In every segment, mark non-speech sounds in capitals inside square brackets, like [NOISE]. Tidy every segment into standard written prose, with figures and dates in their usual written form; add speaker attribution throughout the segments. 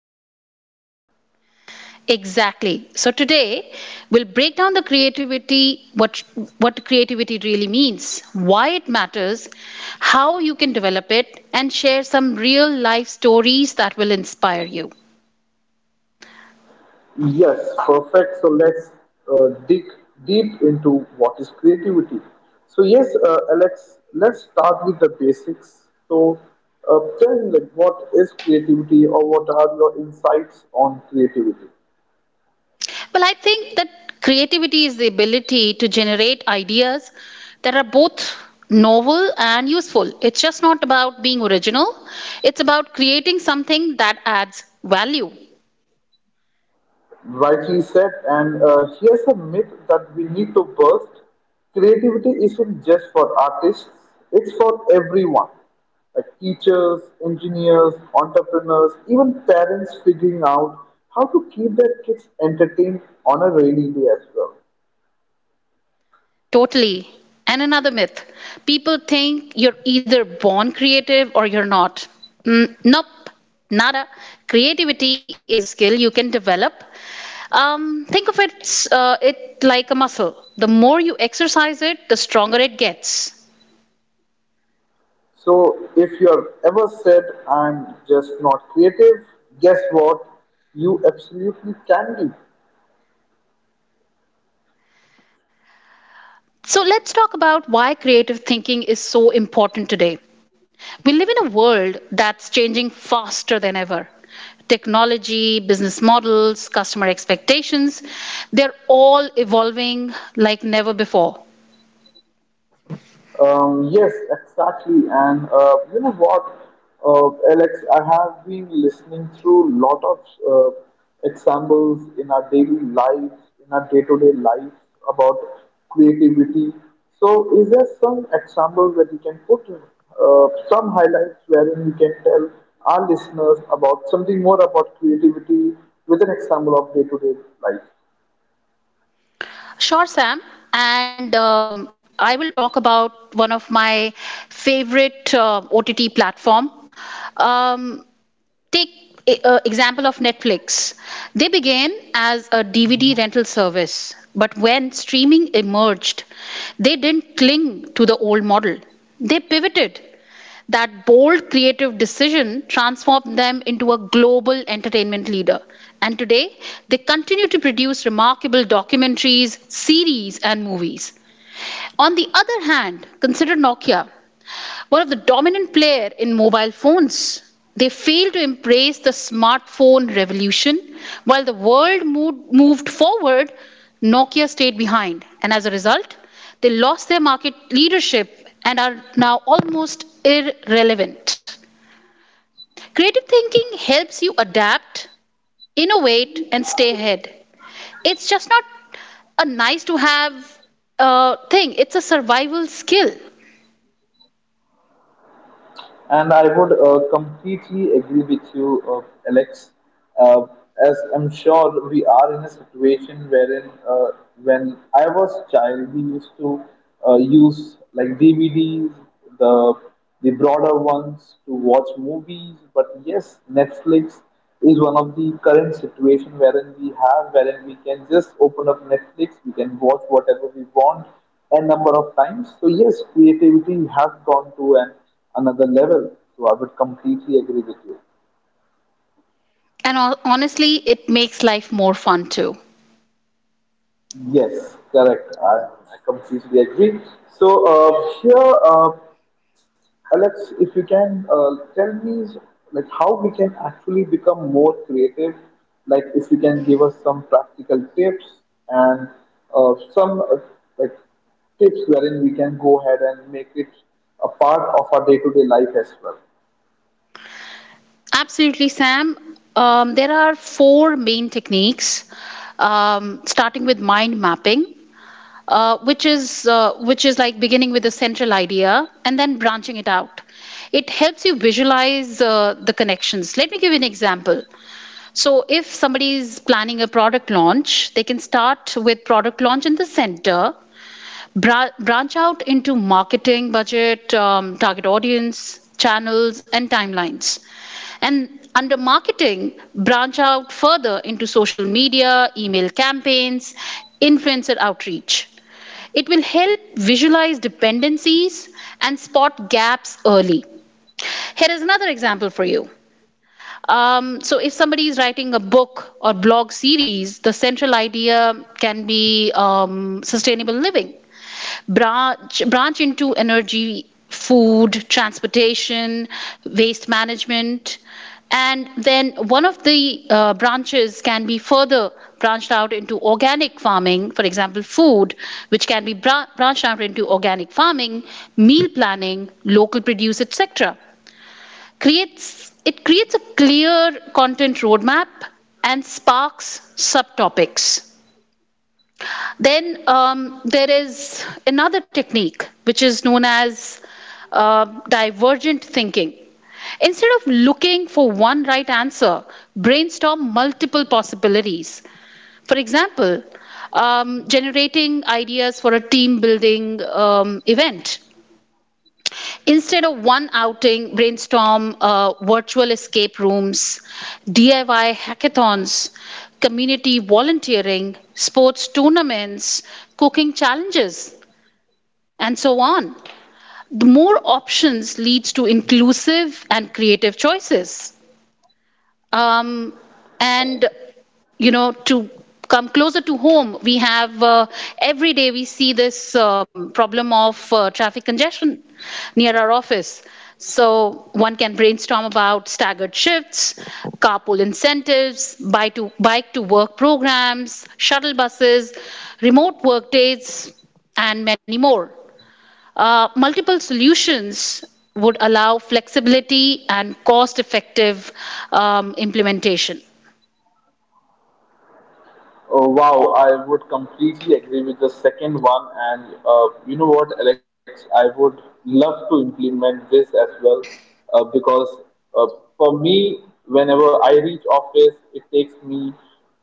Speaker 1: Problems.
Speaker 2: Exactly. So today we'll break down the creativity, what creativity really means, why it matters, how you can develop it, and share some real life stories that will inspire you.
Speaker 1: Yes, perfect. So let's dig deep into what is creativity. So yes, Alex, let's start with the basics. So tell me, like, what is creativity, or what are your insights on creativity?
Speaker 2: Well, I think that creativity is the ability to generate ideas that are both novel and useful. It's just not about being original, it's about creating something that adds value.
Speaker 1: Rightly said. And here's a myth that we need to burst. Creativity isn't just for artists, it's for everyone. Like teachers, engineers, entrepreneurs, even parents figuring out how to keep their kids entertained on a rainy day as well.
Speaker 2: Totally. And another myth, people think you're either born creative or you're not. Nope, nada. Creativity is a skill you can develop. Think of it, it like a muscle. The more you exercise it, the stronger it gets.
Speaker 1: So, if you're ever said, I'm just not creative, guess what? You absolutely can be.
Speaker 2: So let's talk about why creative thinking is so important today. We live in a world that's changing faster than ever. Technology, business models, customer expectations, they're all evolving like never before.
Speaker 1: Yes, exactly. And you know what, Alex, I have been listening through a lot of uh, examples in our daily life, in our day-to-day life about creativity. So, is there some examples that you can put, some highlights wherein you can tell our listeners about something more about creativity with an example of day-to-day life?
Speaker 2: Sure, Sam. And I will talk about one of my favorite OTT platform. Um, Take a example of Netflix. They began as a DVD rental service, but when streaming emerged, they didn't cling to the old model. They pivoted. That bold creative decision transformed them into a global entertainment leader. And today, they continue to produce remarkable documentaries, series, and movies. On the other hand, consider Nokia, one of the dominant players in mobile phones. They failed to embrace the smartphone revolution. While the world moved forward, Nokia stayed behind. And as a result, they lost their market leadership and are now almost irrelevant. Creative thinking helps you adapt, innovate, and stay ahead. It's just not a nice to have thing, it's a survival skill.
Speaker 1: And I would completely agree with you, Alex. Uh, as I'm sure we are in a situation wherein, when I was child, we used to use like DVDs, the the broader ones to watch movies. But yes, Netflix is one of the current situation wherein we have, wherein we can just open up Netflix, we can watch whatever we want a number of times. So yes, creativity has gone to an another level. So I would completely agree with you.
Speaker 2: And honestly, it makes life more fun too.
Speaker 1: Yes, correct. I completely agree. So here, Alex, if you can tell me like how we can actually become more creative, like if you can give us some practical tips and some like tips wherein we can go ahead and make it a part of our day-to-day life as well.
Speaker 2: Absolutely, Sam. There are four main techniques, starting with mind mapping, which is like beginning with a central idea and then branching it out. It helps you visualize the connections. Let me give you an example. So, if somebody is planning a product launch, they can start with product launch in the center, branch out into marketing budget, target audience, channels, and timelines. And under marketing, branch out further into social media, email campaigns, influencer outreach. It will help visualize dependencies and spot gaps early. Here is another example for you. So, if somebody is writing a book or blog series, the central idea can be sustainable living. Branch into energy, food, transportation, waste management. And then one of the branches can be further branched out into organic farming, for example, food, which can be branched out into organic farming, meal planning, local produce, etc. creates it creates a clear content roadmap and sparks subtopics. Then there is another technique, which is known as uh, divergent thinking. Instead of looking for one right answer, brainstorm multiple possibilities. For example, generating ideas for a team building event. Instead of one outing, brainstorm virtual escape rooms, DIY hackathons, community volunteering, sports tournaments, cooking challenges, and so on. The more options leads to inclusive and creative choices. Um, and you know, to come closer to home, we have every day we see this problem of traffic congestion near our office. So one can brainstorm about staggered shifts, carpool incentives, bike to work programs, shuttle buses, remote work days, and many more. Multiple solutions would allow flexibility and cost effective implementation.
Speaker 1: Oh, wow, I would completely agree with the second one. And you know what, Alex, I would love to implement this as well because for me, whenever I reach office, it takes me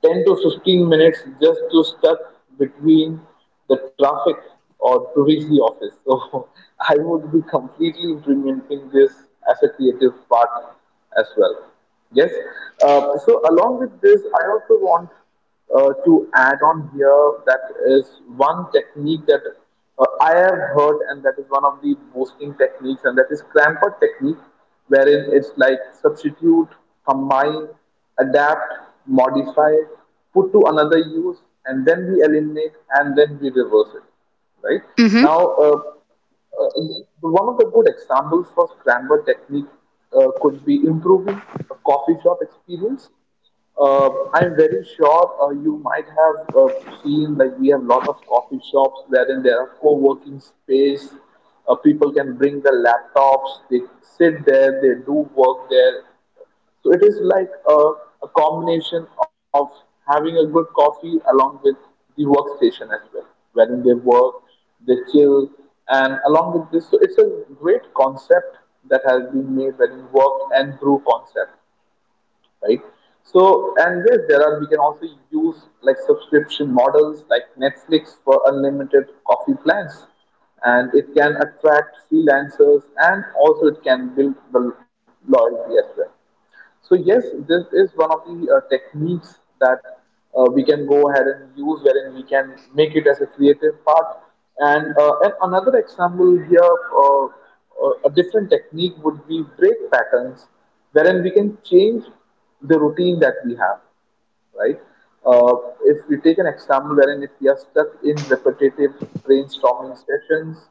Speaker 1: 10 to 15 minutes just to stuck between the traffic or to reach the office. [LAUGHS] So I would be completely implementing this as a creative part as well. Yes. Uh, so along with this, I also want to add on here, that is one technique that I have heard, and that is one of the boasting techniques, and that is Cramper technique, wherein it's like substitute, combine, adapt, modify, put to another use, and then we eliminate, and then we reverse it. Right
Speaker 2: Mhm.
Speaker 1: now, one of the good examples for Scramble technique could be improving a coffee shop experience. uh, I'm very sure you might have seen like we have lot of coffee shops wherein there are co-working space. People can bring their laptops, they sit there, they do work there. So it is like a combination of having a good coffee along with the workstation as well, wherein they work, they chill, and along with this, so it's a great concept that has been made wherein work and brew concept, right? So, and yes, there are, we can also use like subscription models like Netflix for unlimited coffee plans. And it can attract freelancers and also it can build the loyalty as well. So yes, this is one of the techniques that we can go ahead and use, wherein we can make it as a creative part. And, and another example here, a different technique would be break patterns, wherein we can change the routine that we have, right? Uh, if we take an example wherein if we are stuck in repetitive brainstorming sessions,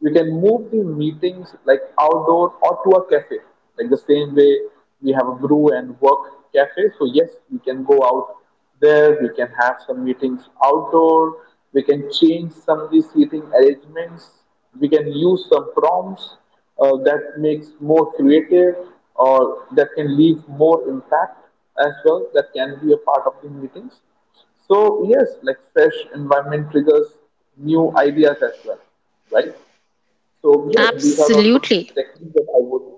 Speaker 1: we can move the meetings like outdoor or to a cafe. Like the same way we have a brew and work cafe. So yes, we can go out there we have some meetings outdoor, we can change some of the seating arrangements, we can use some prompts that makes more creative or that can leave more impact as well that can be a part of the meetings. So yes, like fresh environment triggers new ideas as well, right? So yes, these are the some
Speaker 2: Absolutely.
Speaker 1: techniques that I would.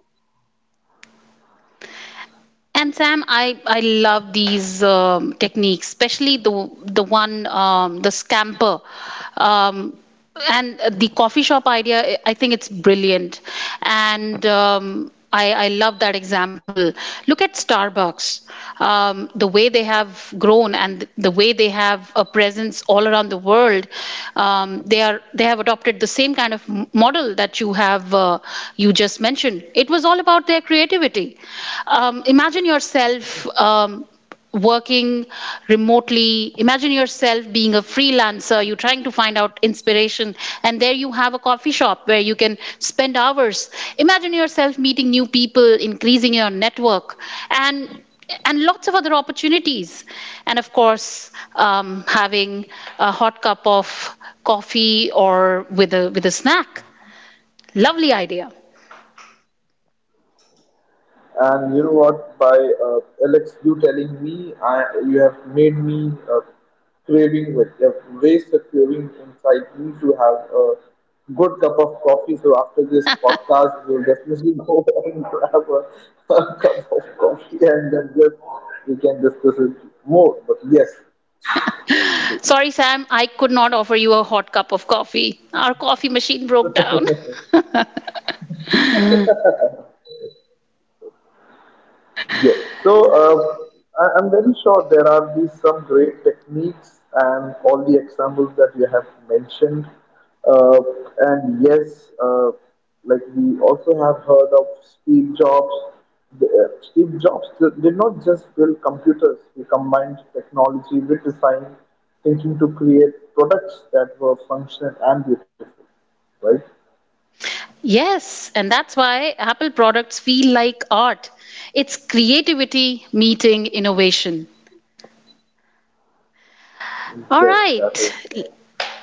Speaker 2: And Sam, I love these techniques, especially the one, the scamper, um, and the coffee shop idea. I think it's brilliant, and I love that example. Look at Starbucks, the way they have grown and the way they have a presence all around the world. They are they have adopted the same kind of model that you have you just mentioned. It was all about their creativity. Imagine yourself um, working remotely. Imagine yourself being a freelancer. You're trying to find out inspiration, and there you have a coffee shop where you can spend hours. Imagine yourself meeting new people, increasing your network, and and lots of other opportunities. And of course, um, having a hot cup of coffee or with a snack. Lovely idea.
Speaker 1: And you know what? By uh, Alex, you telling me, I you have made me craving. Like, you have raised the craving inside me to have a good cup of coffee. So after this podcast, we'll definitely [LAUGHS] go and grab a cup of coffee, and then just we can discuss it more. But yes, that's true.
Speaker 2: Sorry, Sam, I could not offer you a hot cup of coffee. Our coffee machine broke down.
Speaker 1: Yes. So I'm very sure there are these some great techniques and all the examples that you have mentioned. Uh, and yes, like we also have heard of Steve Jobs. Steve Jobs did not just build computers; he combined technology with design, thinking to create products that were functional and beautiful. Right?
Speaker 2: [LAUGHS] Yes, and that's why Apple products feel like art. It's creativity meeting innovation. All
Speaker 1: Yes, that is.
Speaker 2: right,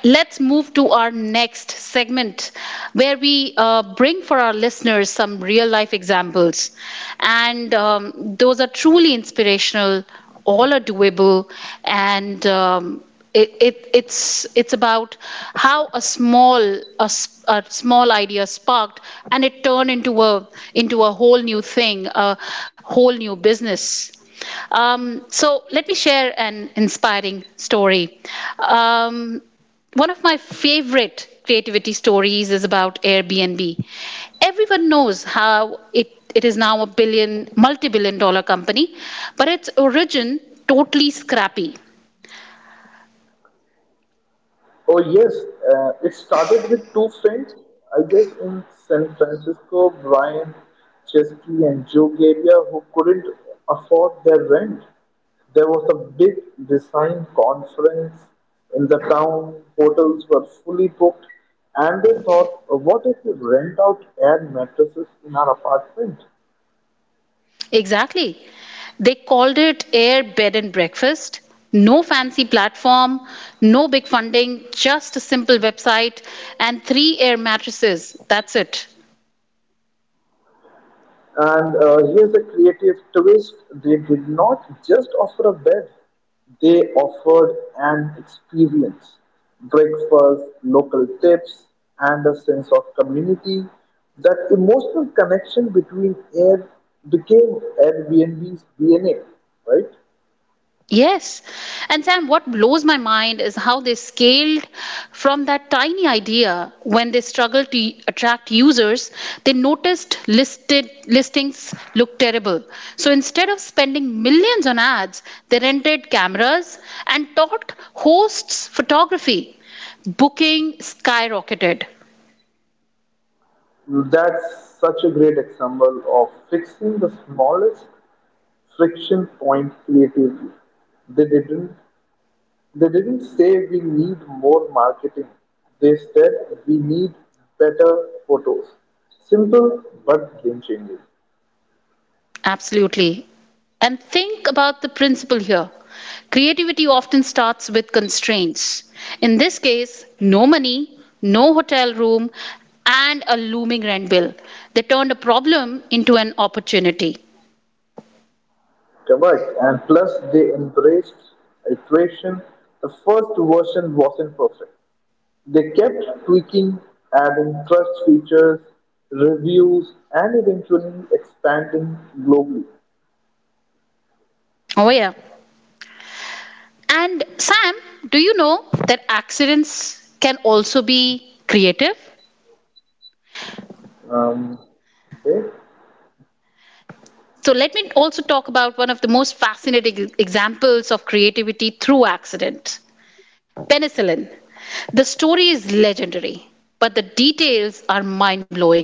Speaker 2: let's move to our next segment where we bring for our listeners some real life examples. And those are truly inspirational, all are doable, and it's about how a small idea sparked and it turned into a whole new thing, a whole new business. So let me share an inspiring story. um, One of my favorite creativity stories is about Airbnb. Everyone knows how it is now a multi billion dollar company, but its origin totally scrappy.
Speaker 1: Oh yes, it started with two friends, I guess, in San Francisco, Brian Chesky and Joe Garia, who couldn't afford their rent. There was a big design conference in the town. Hotels were fully booked, and they thought, "What if we rent out air mattresses in our apartment?"
Speaker 2: Exactly. They called it air bed and breakfast. No fancy platform, no big funding, just a simple website and three air mattresses. That's it.
Speaker 1: And here's the creative twist they did not just offer a bed, they offered an experience breakfast, local tips, and a sense of community. That emotional connection between air became Airbnb's DNA, right?
Speaker 2: Yes. And Sam, what blows my mind is how they scaled from that tiny idea. When they struggled to attract users, they noticed listed listings looked terrible. So instead of spending millions on ads, they rented cameras and taught hosts photography. Booking skyrocketed.
Speaker 1: That's such a great example of fixing the smallest friction point creatively. They didn't They didn't say we need more marketing. They said we need better photos. Simple but game changing.
Speaker 2: Absolutely. And think about the principle here. Creativity often starts with constraints. In this case, no money, no hotel room, and a looming rent bill. They turned a problem into an opportunity.
Speaker 1: Correct. And plus, they embraced iteration. The first version wasn't perfect. They kept tweaking, adding trust features, reviews, and eventually expanding globally.
Speaker 2: Oh, yeah. And Sam, do you know that accidents can also be creative?
Speaker 1: Um, okay.
Speaker 2: So, let me also talk about one of the most fascinating examples of creativity through accident. Penicillin. The story is legendary, but the details are mind blowing.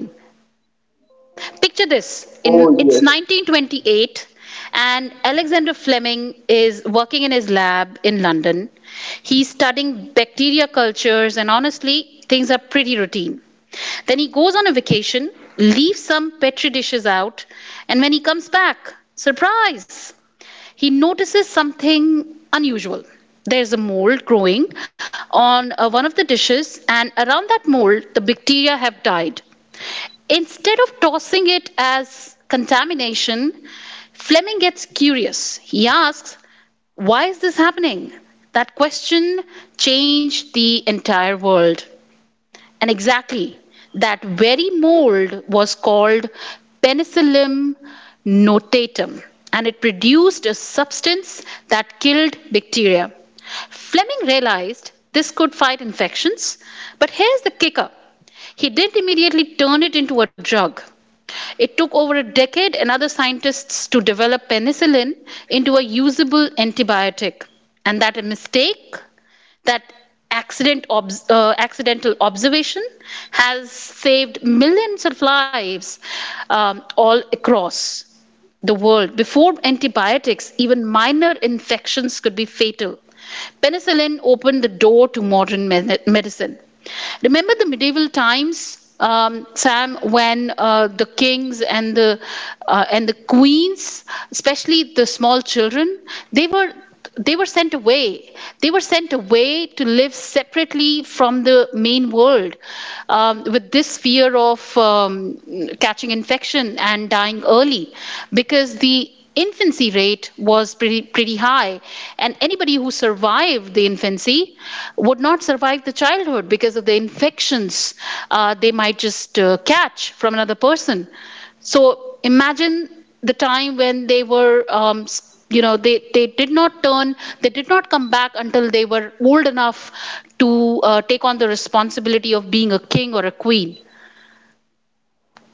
Speaker 2: Picture this, in
Speaker 1: Oh
Speaker 2: it's
Speaker 1: yes,
Speaker 2: 1928 and Alexander Fleming is working in his lab in London. He's studying bacteria cultures and honestly things are pretty routine. Then he goes on a vacation, leaves some petri dishes out, and when he comes back, surprise, he notices something unusual. There's a mold growing on one of the dishes, and around that mold, the bacteria have died. Instead of tossing it as contamination, Fleming gets curious. He asks, why is this happening? That question changed the entire world. And exactly, that very mold was called penicillium notatum, and it produced a substance that killed bacteria. Fleming realized this could fight infections, but here's the kicker, he didn't immediately turn it into a drug. It took over a decade and other scientists to develop penicillin into a usable antibiotic. And that a mistake? That accidental observation has saved millions of lives all across the world. Before antibiotics, even minor infections could be fatal. Penicillin opened the door to modern medicine. Remember the medieval times, Sam, when the kings and the queens, especially the small children, they were they were sent away. They were sent away to live separately from the main world, with this fear of catching infection and dying early, because the infancy rate was pretty, pretty high. And anybody who survived the infancy would not survive the childhood because of the infections they might just catch from another person. So imagine the time when they were you know they did not turn, they did not come back until they were old enough to take on the responsibility of being a king or a queen.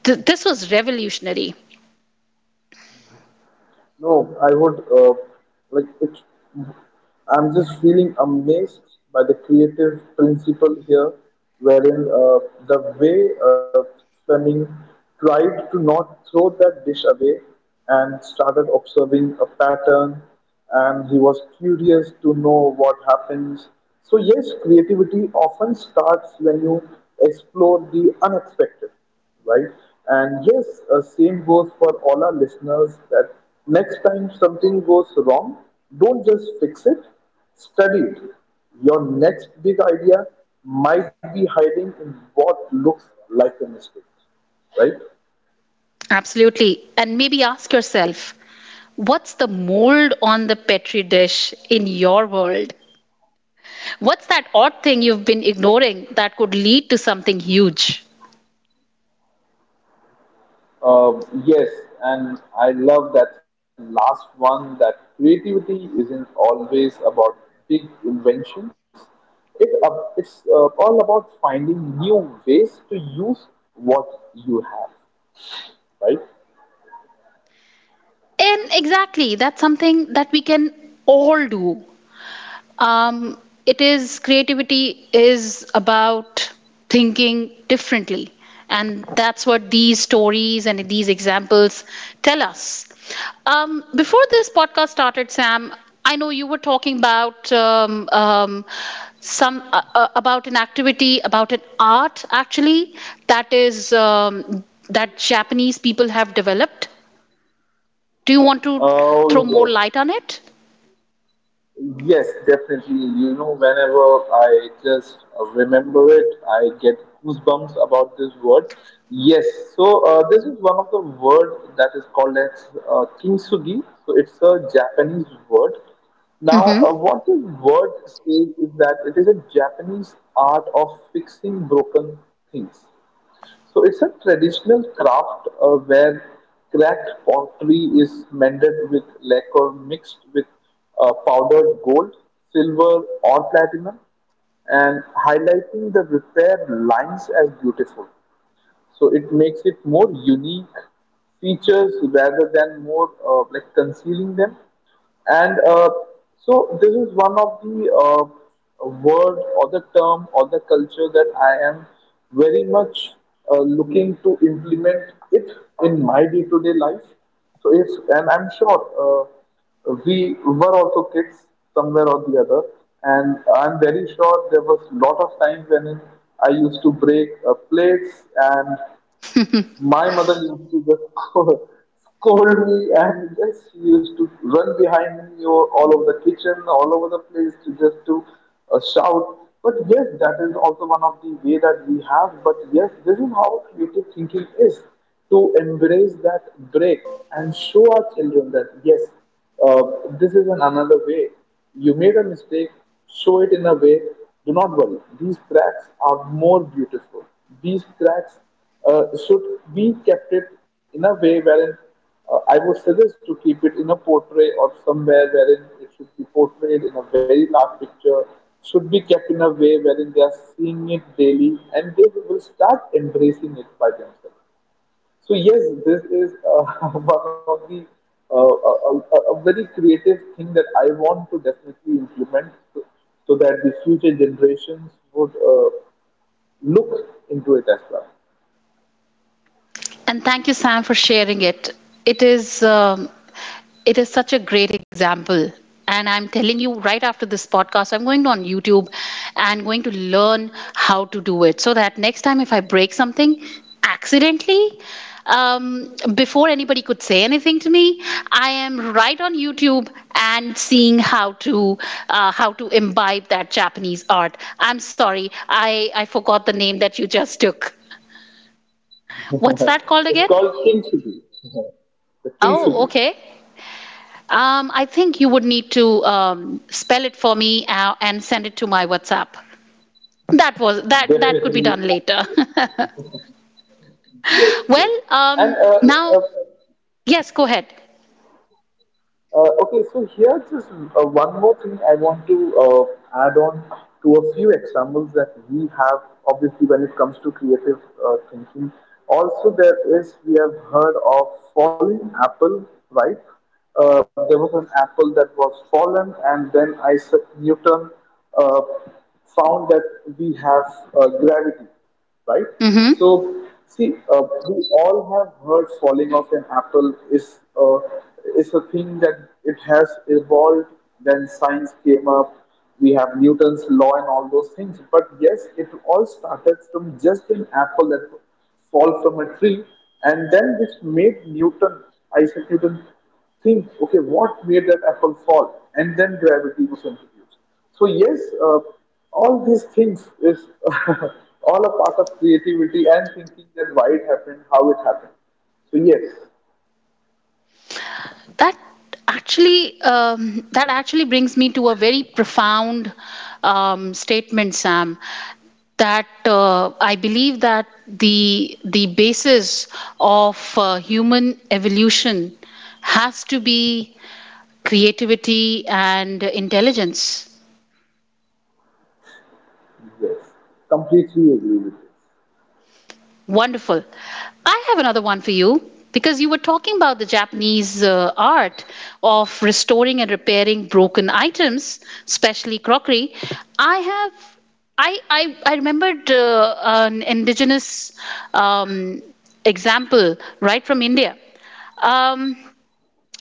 Speaker 2: This was revolutionary.
Speaker 1: No, I would like it's. I'm just feeling amazed by the creative principle here, wherein the way Fleming tried to not throw that dish away and started observing a pattern, and he was curious to know what happens. So, yes, creativity often starts when you explore the unexpected, right? And yes, same goes for all our listeners that next time something goes wrong, don't just fix it, study it. Your next big idea might be hiding in what looks like a mistake, right?
Speaker 2: Absolutely, and maybe ask yourself, what's the mold on the petri dish in your world? What's that odd thing you've been ignoring that could lead to something huge?
Speaker 1: Uh, yes, and I love that last one that creativity isn't always about big inventions. It's all about finding new ways to use what you have, right?
Speaker 2: And exactly, that's something that we can all do. Um, it is Creativity is about thinking differently, and that's what these stories and these examples tell us. Before this podcast started, Sam, I know you were talking about some about an activity, about an art actually that is that Japanese people have developed. Do you want to throw more light on
Speaker 1: Oh,
Speaker 2: it?
Speaker 1: yes, definitely. You know, whenever I just remember it, I get goosebumps about this word. Yes, so this is one of the word that is called as kintsugi. So it's a Japanese word. Now, what this word says is that it is a Japanese art of fixing broken things. So it's a traditional craft where cracked pottery is mended with lacquer mixed with powdered gold, silver, or platinum, and highlighting the repair lines as beautiful. So it makes it more unique features rather than more like concealing them. And so this is one of the word or the term or the culture that I am very much looking to implement it in my day-to-day life. So if and I'm sure. We were also kids somewhere or the other and I'm very sure there was lot of times when I used to break plates and my mother used to just [LAUGHS] scold me, and yes, she used to run behind me all over the kitchen, all over the place to just to shout. But yes, that is also one of the way that we have. But yes, this is how creative thinking is to embrace that break and show our children that yes, uh, this is an another way. You made a mistake, show it in a way. Do not worry. These cracks are more beautiful. These cracks should be kept it in a way wherein I would suggest to keep it in a portrait or somewhere wherein it should be portrayed in a very large picture, should be kept in a way wherein they are seeing it daily and they will start embracing it by themselves. So, yes, this is [LAUGHS] one of the a very creative thing that I want to definitely implement so, so that the future generations would look into it as well.
Speaker 2: And thank you, Sam, for sharing it. It is um, it is such a great example. And I'm telling you, right after this podcast, I'm going on YouTube and going to learn how to do it, so that next time if I break something accidentally, before anybody could say anything to me, I am right on YouTube and seeing how to imbibe that Japanese art. I'm sorry, I forgot the name that you just took. What's that
Speaker 1: [LAUGHS]
Speaker 2: called
Speaker 1: It's
Speaker 2: again?
Speaker 1: called kintsugi. [LAUGHS] The
Speaker 2: Oh,
Speaker 1: kintsugi.
Speaker 2: okay. I think you would need to spell it for me and send it to my WhatsApp. That was that that could be
Speaker 1: Definitely.
Speaker 2: done later.
Speaker 1: [LAUGHS] Yes,
Speaker 2: [LAUGHS]
Speaker 1: yes.
Speaker 2: Well,
Speaker 1: And uh,
Speaker 2: now yes, go ahead.
Speaker 1: Okay, so here just one more thing I want to add on to a few examples that we have. Obviously, when it comes to creative thinking, also there is we have heard of falling apple, right? There was an apple that was fallen, and then Isaac Newton uh, found that we have gravity, right?
Speaker 2: Mhm.
Speaker 1: So, see, we all have heard falling of an apple is a thing that it has evolved. Then science came up. We have Newton's law and all those things. But yes, it all started from just an apple that fall from tree, and then which made Newton, Isaac Newton, think, okay, what made that apple fall? And then gravity was introduced. So yes, all these things is [LAUGHS] all a part of creativity and thinking that why it happened, how it happened. So yes,
Speaker 2: that that actually brings me to a very profound statement, Sam, that I believe that the basis of human evolution has to be creativity and intelligence.
Speaker 1: yes, completely agree with you.
Speaker 2: Wonderful. I have another one for you because you were talking about the Japanese art of restoring and repairing broken items, especially crockery. I have. I remembered an indigenous um, example right from India. Um,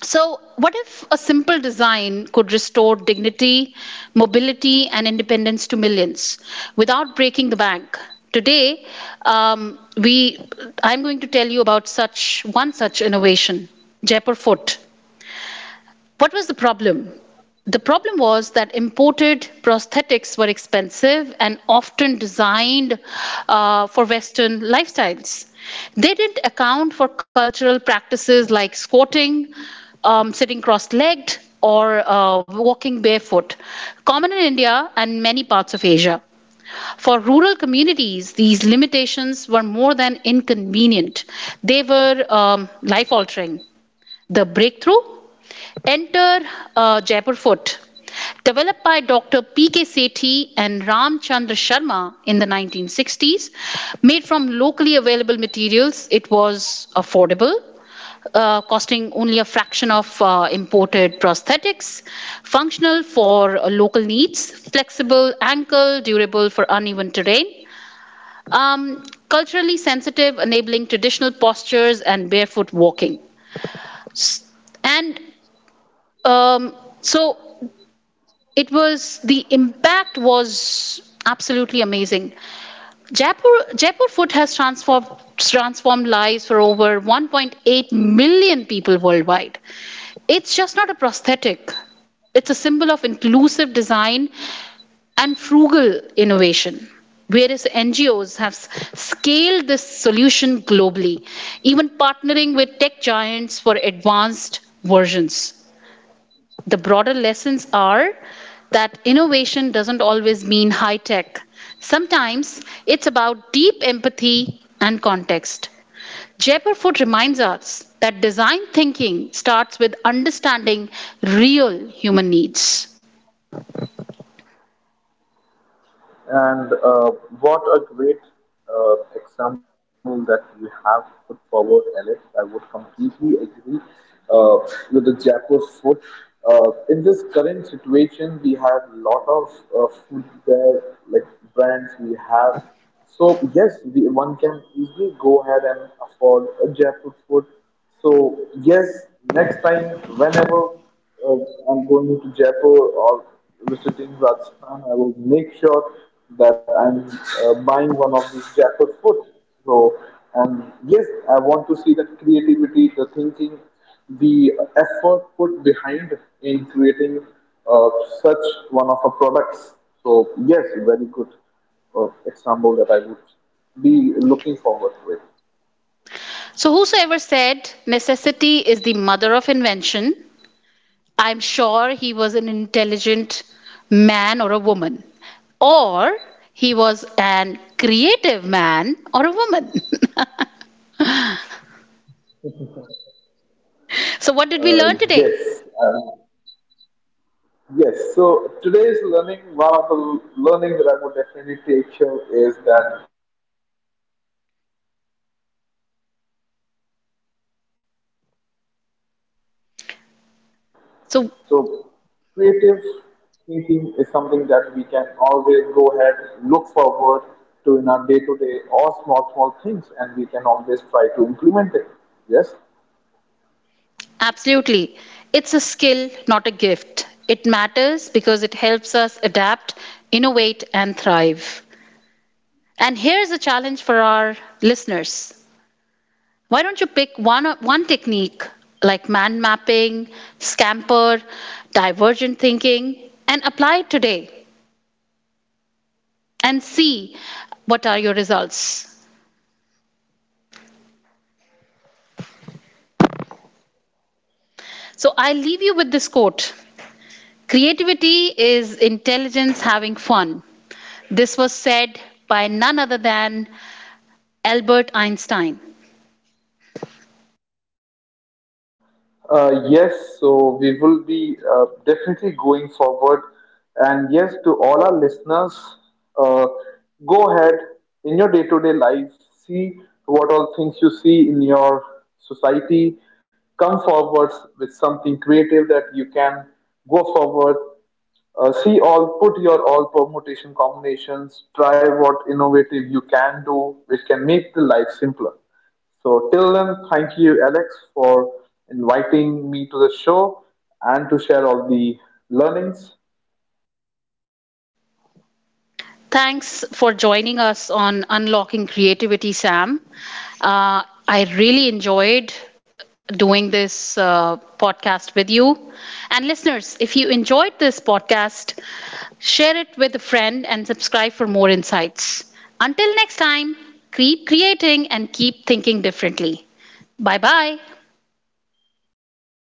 Speaker 2: so, what if a simple design could restore dignity, mobility, and independence to millions without breaking the bank? Today, um, we, I'm going to tell you about such one such innovation, Jaipur Foot. What was the problem? The problem was that imported prosthetics were expensive and often designed for Western lifestyles. They didn't account for cultural practices like squatting, sitting cross legged, or walking barefoot, common in India and many parts of Asia. For rural communities, these limitations were more than inconvenient, they were life altering. The breakthrough? Enter Jaipur Fort, developed by Dr. P.K. Sethi and Ramchandra Sharma in the 1960s. Made from locally available materials, it was affordable, costing only a fraction of imported prosthetics, functional for local needs, flexible ankle, durable for uneven terrain. Culturally sensitive, enabling traditional postures and barefoot walking. S- And um, so it was the impact was absolutely amazing. Jaipur food has transformed lives for over 1.8 million people worldwide. It's just not a prosthetic. It's a symbol of inclusive design and frugal innovation. Various NGOs have scaled this solution globally, even partnering with tech giants for advanced versions. The broader lessons are that innovation doesn't always mean high tech. Sometimes it's about deep empathy and context. Jaipur Food reminds us that design thinking starts with understanding real human needs.
Speaker 1: And what a great example that you have put forward, Alex. I would completely agree uh, with the Jaipur food. In this current situation, we have a lot of food there, like brands we have. So yes, we, one can easily go ahead and afford a Jaipur food. So yes, next time whenever uh, I'm going to Jaipur or visiting Rajasthan, I will make sure that I'm buying one of these jackpot food. So, and yes, I want to see the creativity, the thinking, the effort put behind in creating uh, such one of our products. So, yes, very good example that I would be looking forward to it.
Speaker 2: So, whosoever said necessity is the mother of invention, I'm sure he was an intelligent man or a woman, or he was an creative man or a woman. So, what
Speaker 1: Uh,
Speaker 2: did we learn today?
Speaker 1: yes, uh, Yes, so today's learning, one of the learning that I would definitely take here is that creativity is
Speaker 2: So,
Speaker 1: look forward to in our day to day or small small things and we can always try to implement it. Yes,
Speaker 2: absolutely, it's a skill, not a gift. It matters because it helps us adapt, innovate, and thrive. And here's a challenge for our listeners. Why don't you pick one technique like man mapping, scamper, divergent thinking, and apply it today and see what are your results? So, I'll leave you with this quote. Creativity is intelligence having fun. This was said by none other than Albert Einstein.
Speaker 1: yes so we will be definitely going forward and yes to all our listeners, uh, go ahead in your day to day life see what all things you see in your society come forward with something creative that you can go forward. See all, put your all permutation combinations, try what innovative you can do, which can make the life simpler. So till then, thank you, Alex, for inviting me to the show and to share all the learnings.
Speaker 2: Thanks for joining us on Unlocking Creativity, Sam. Uh, I really enjoyed doing this podcast with you. And listeners, if you enjoyed this podcast, share it with a friend and subscribe for more insights. Until next time, keep creating and keep thinking differently. Bye bye.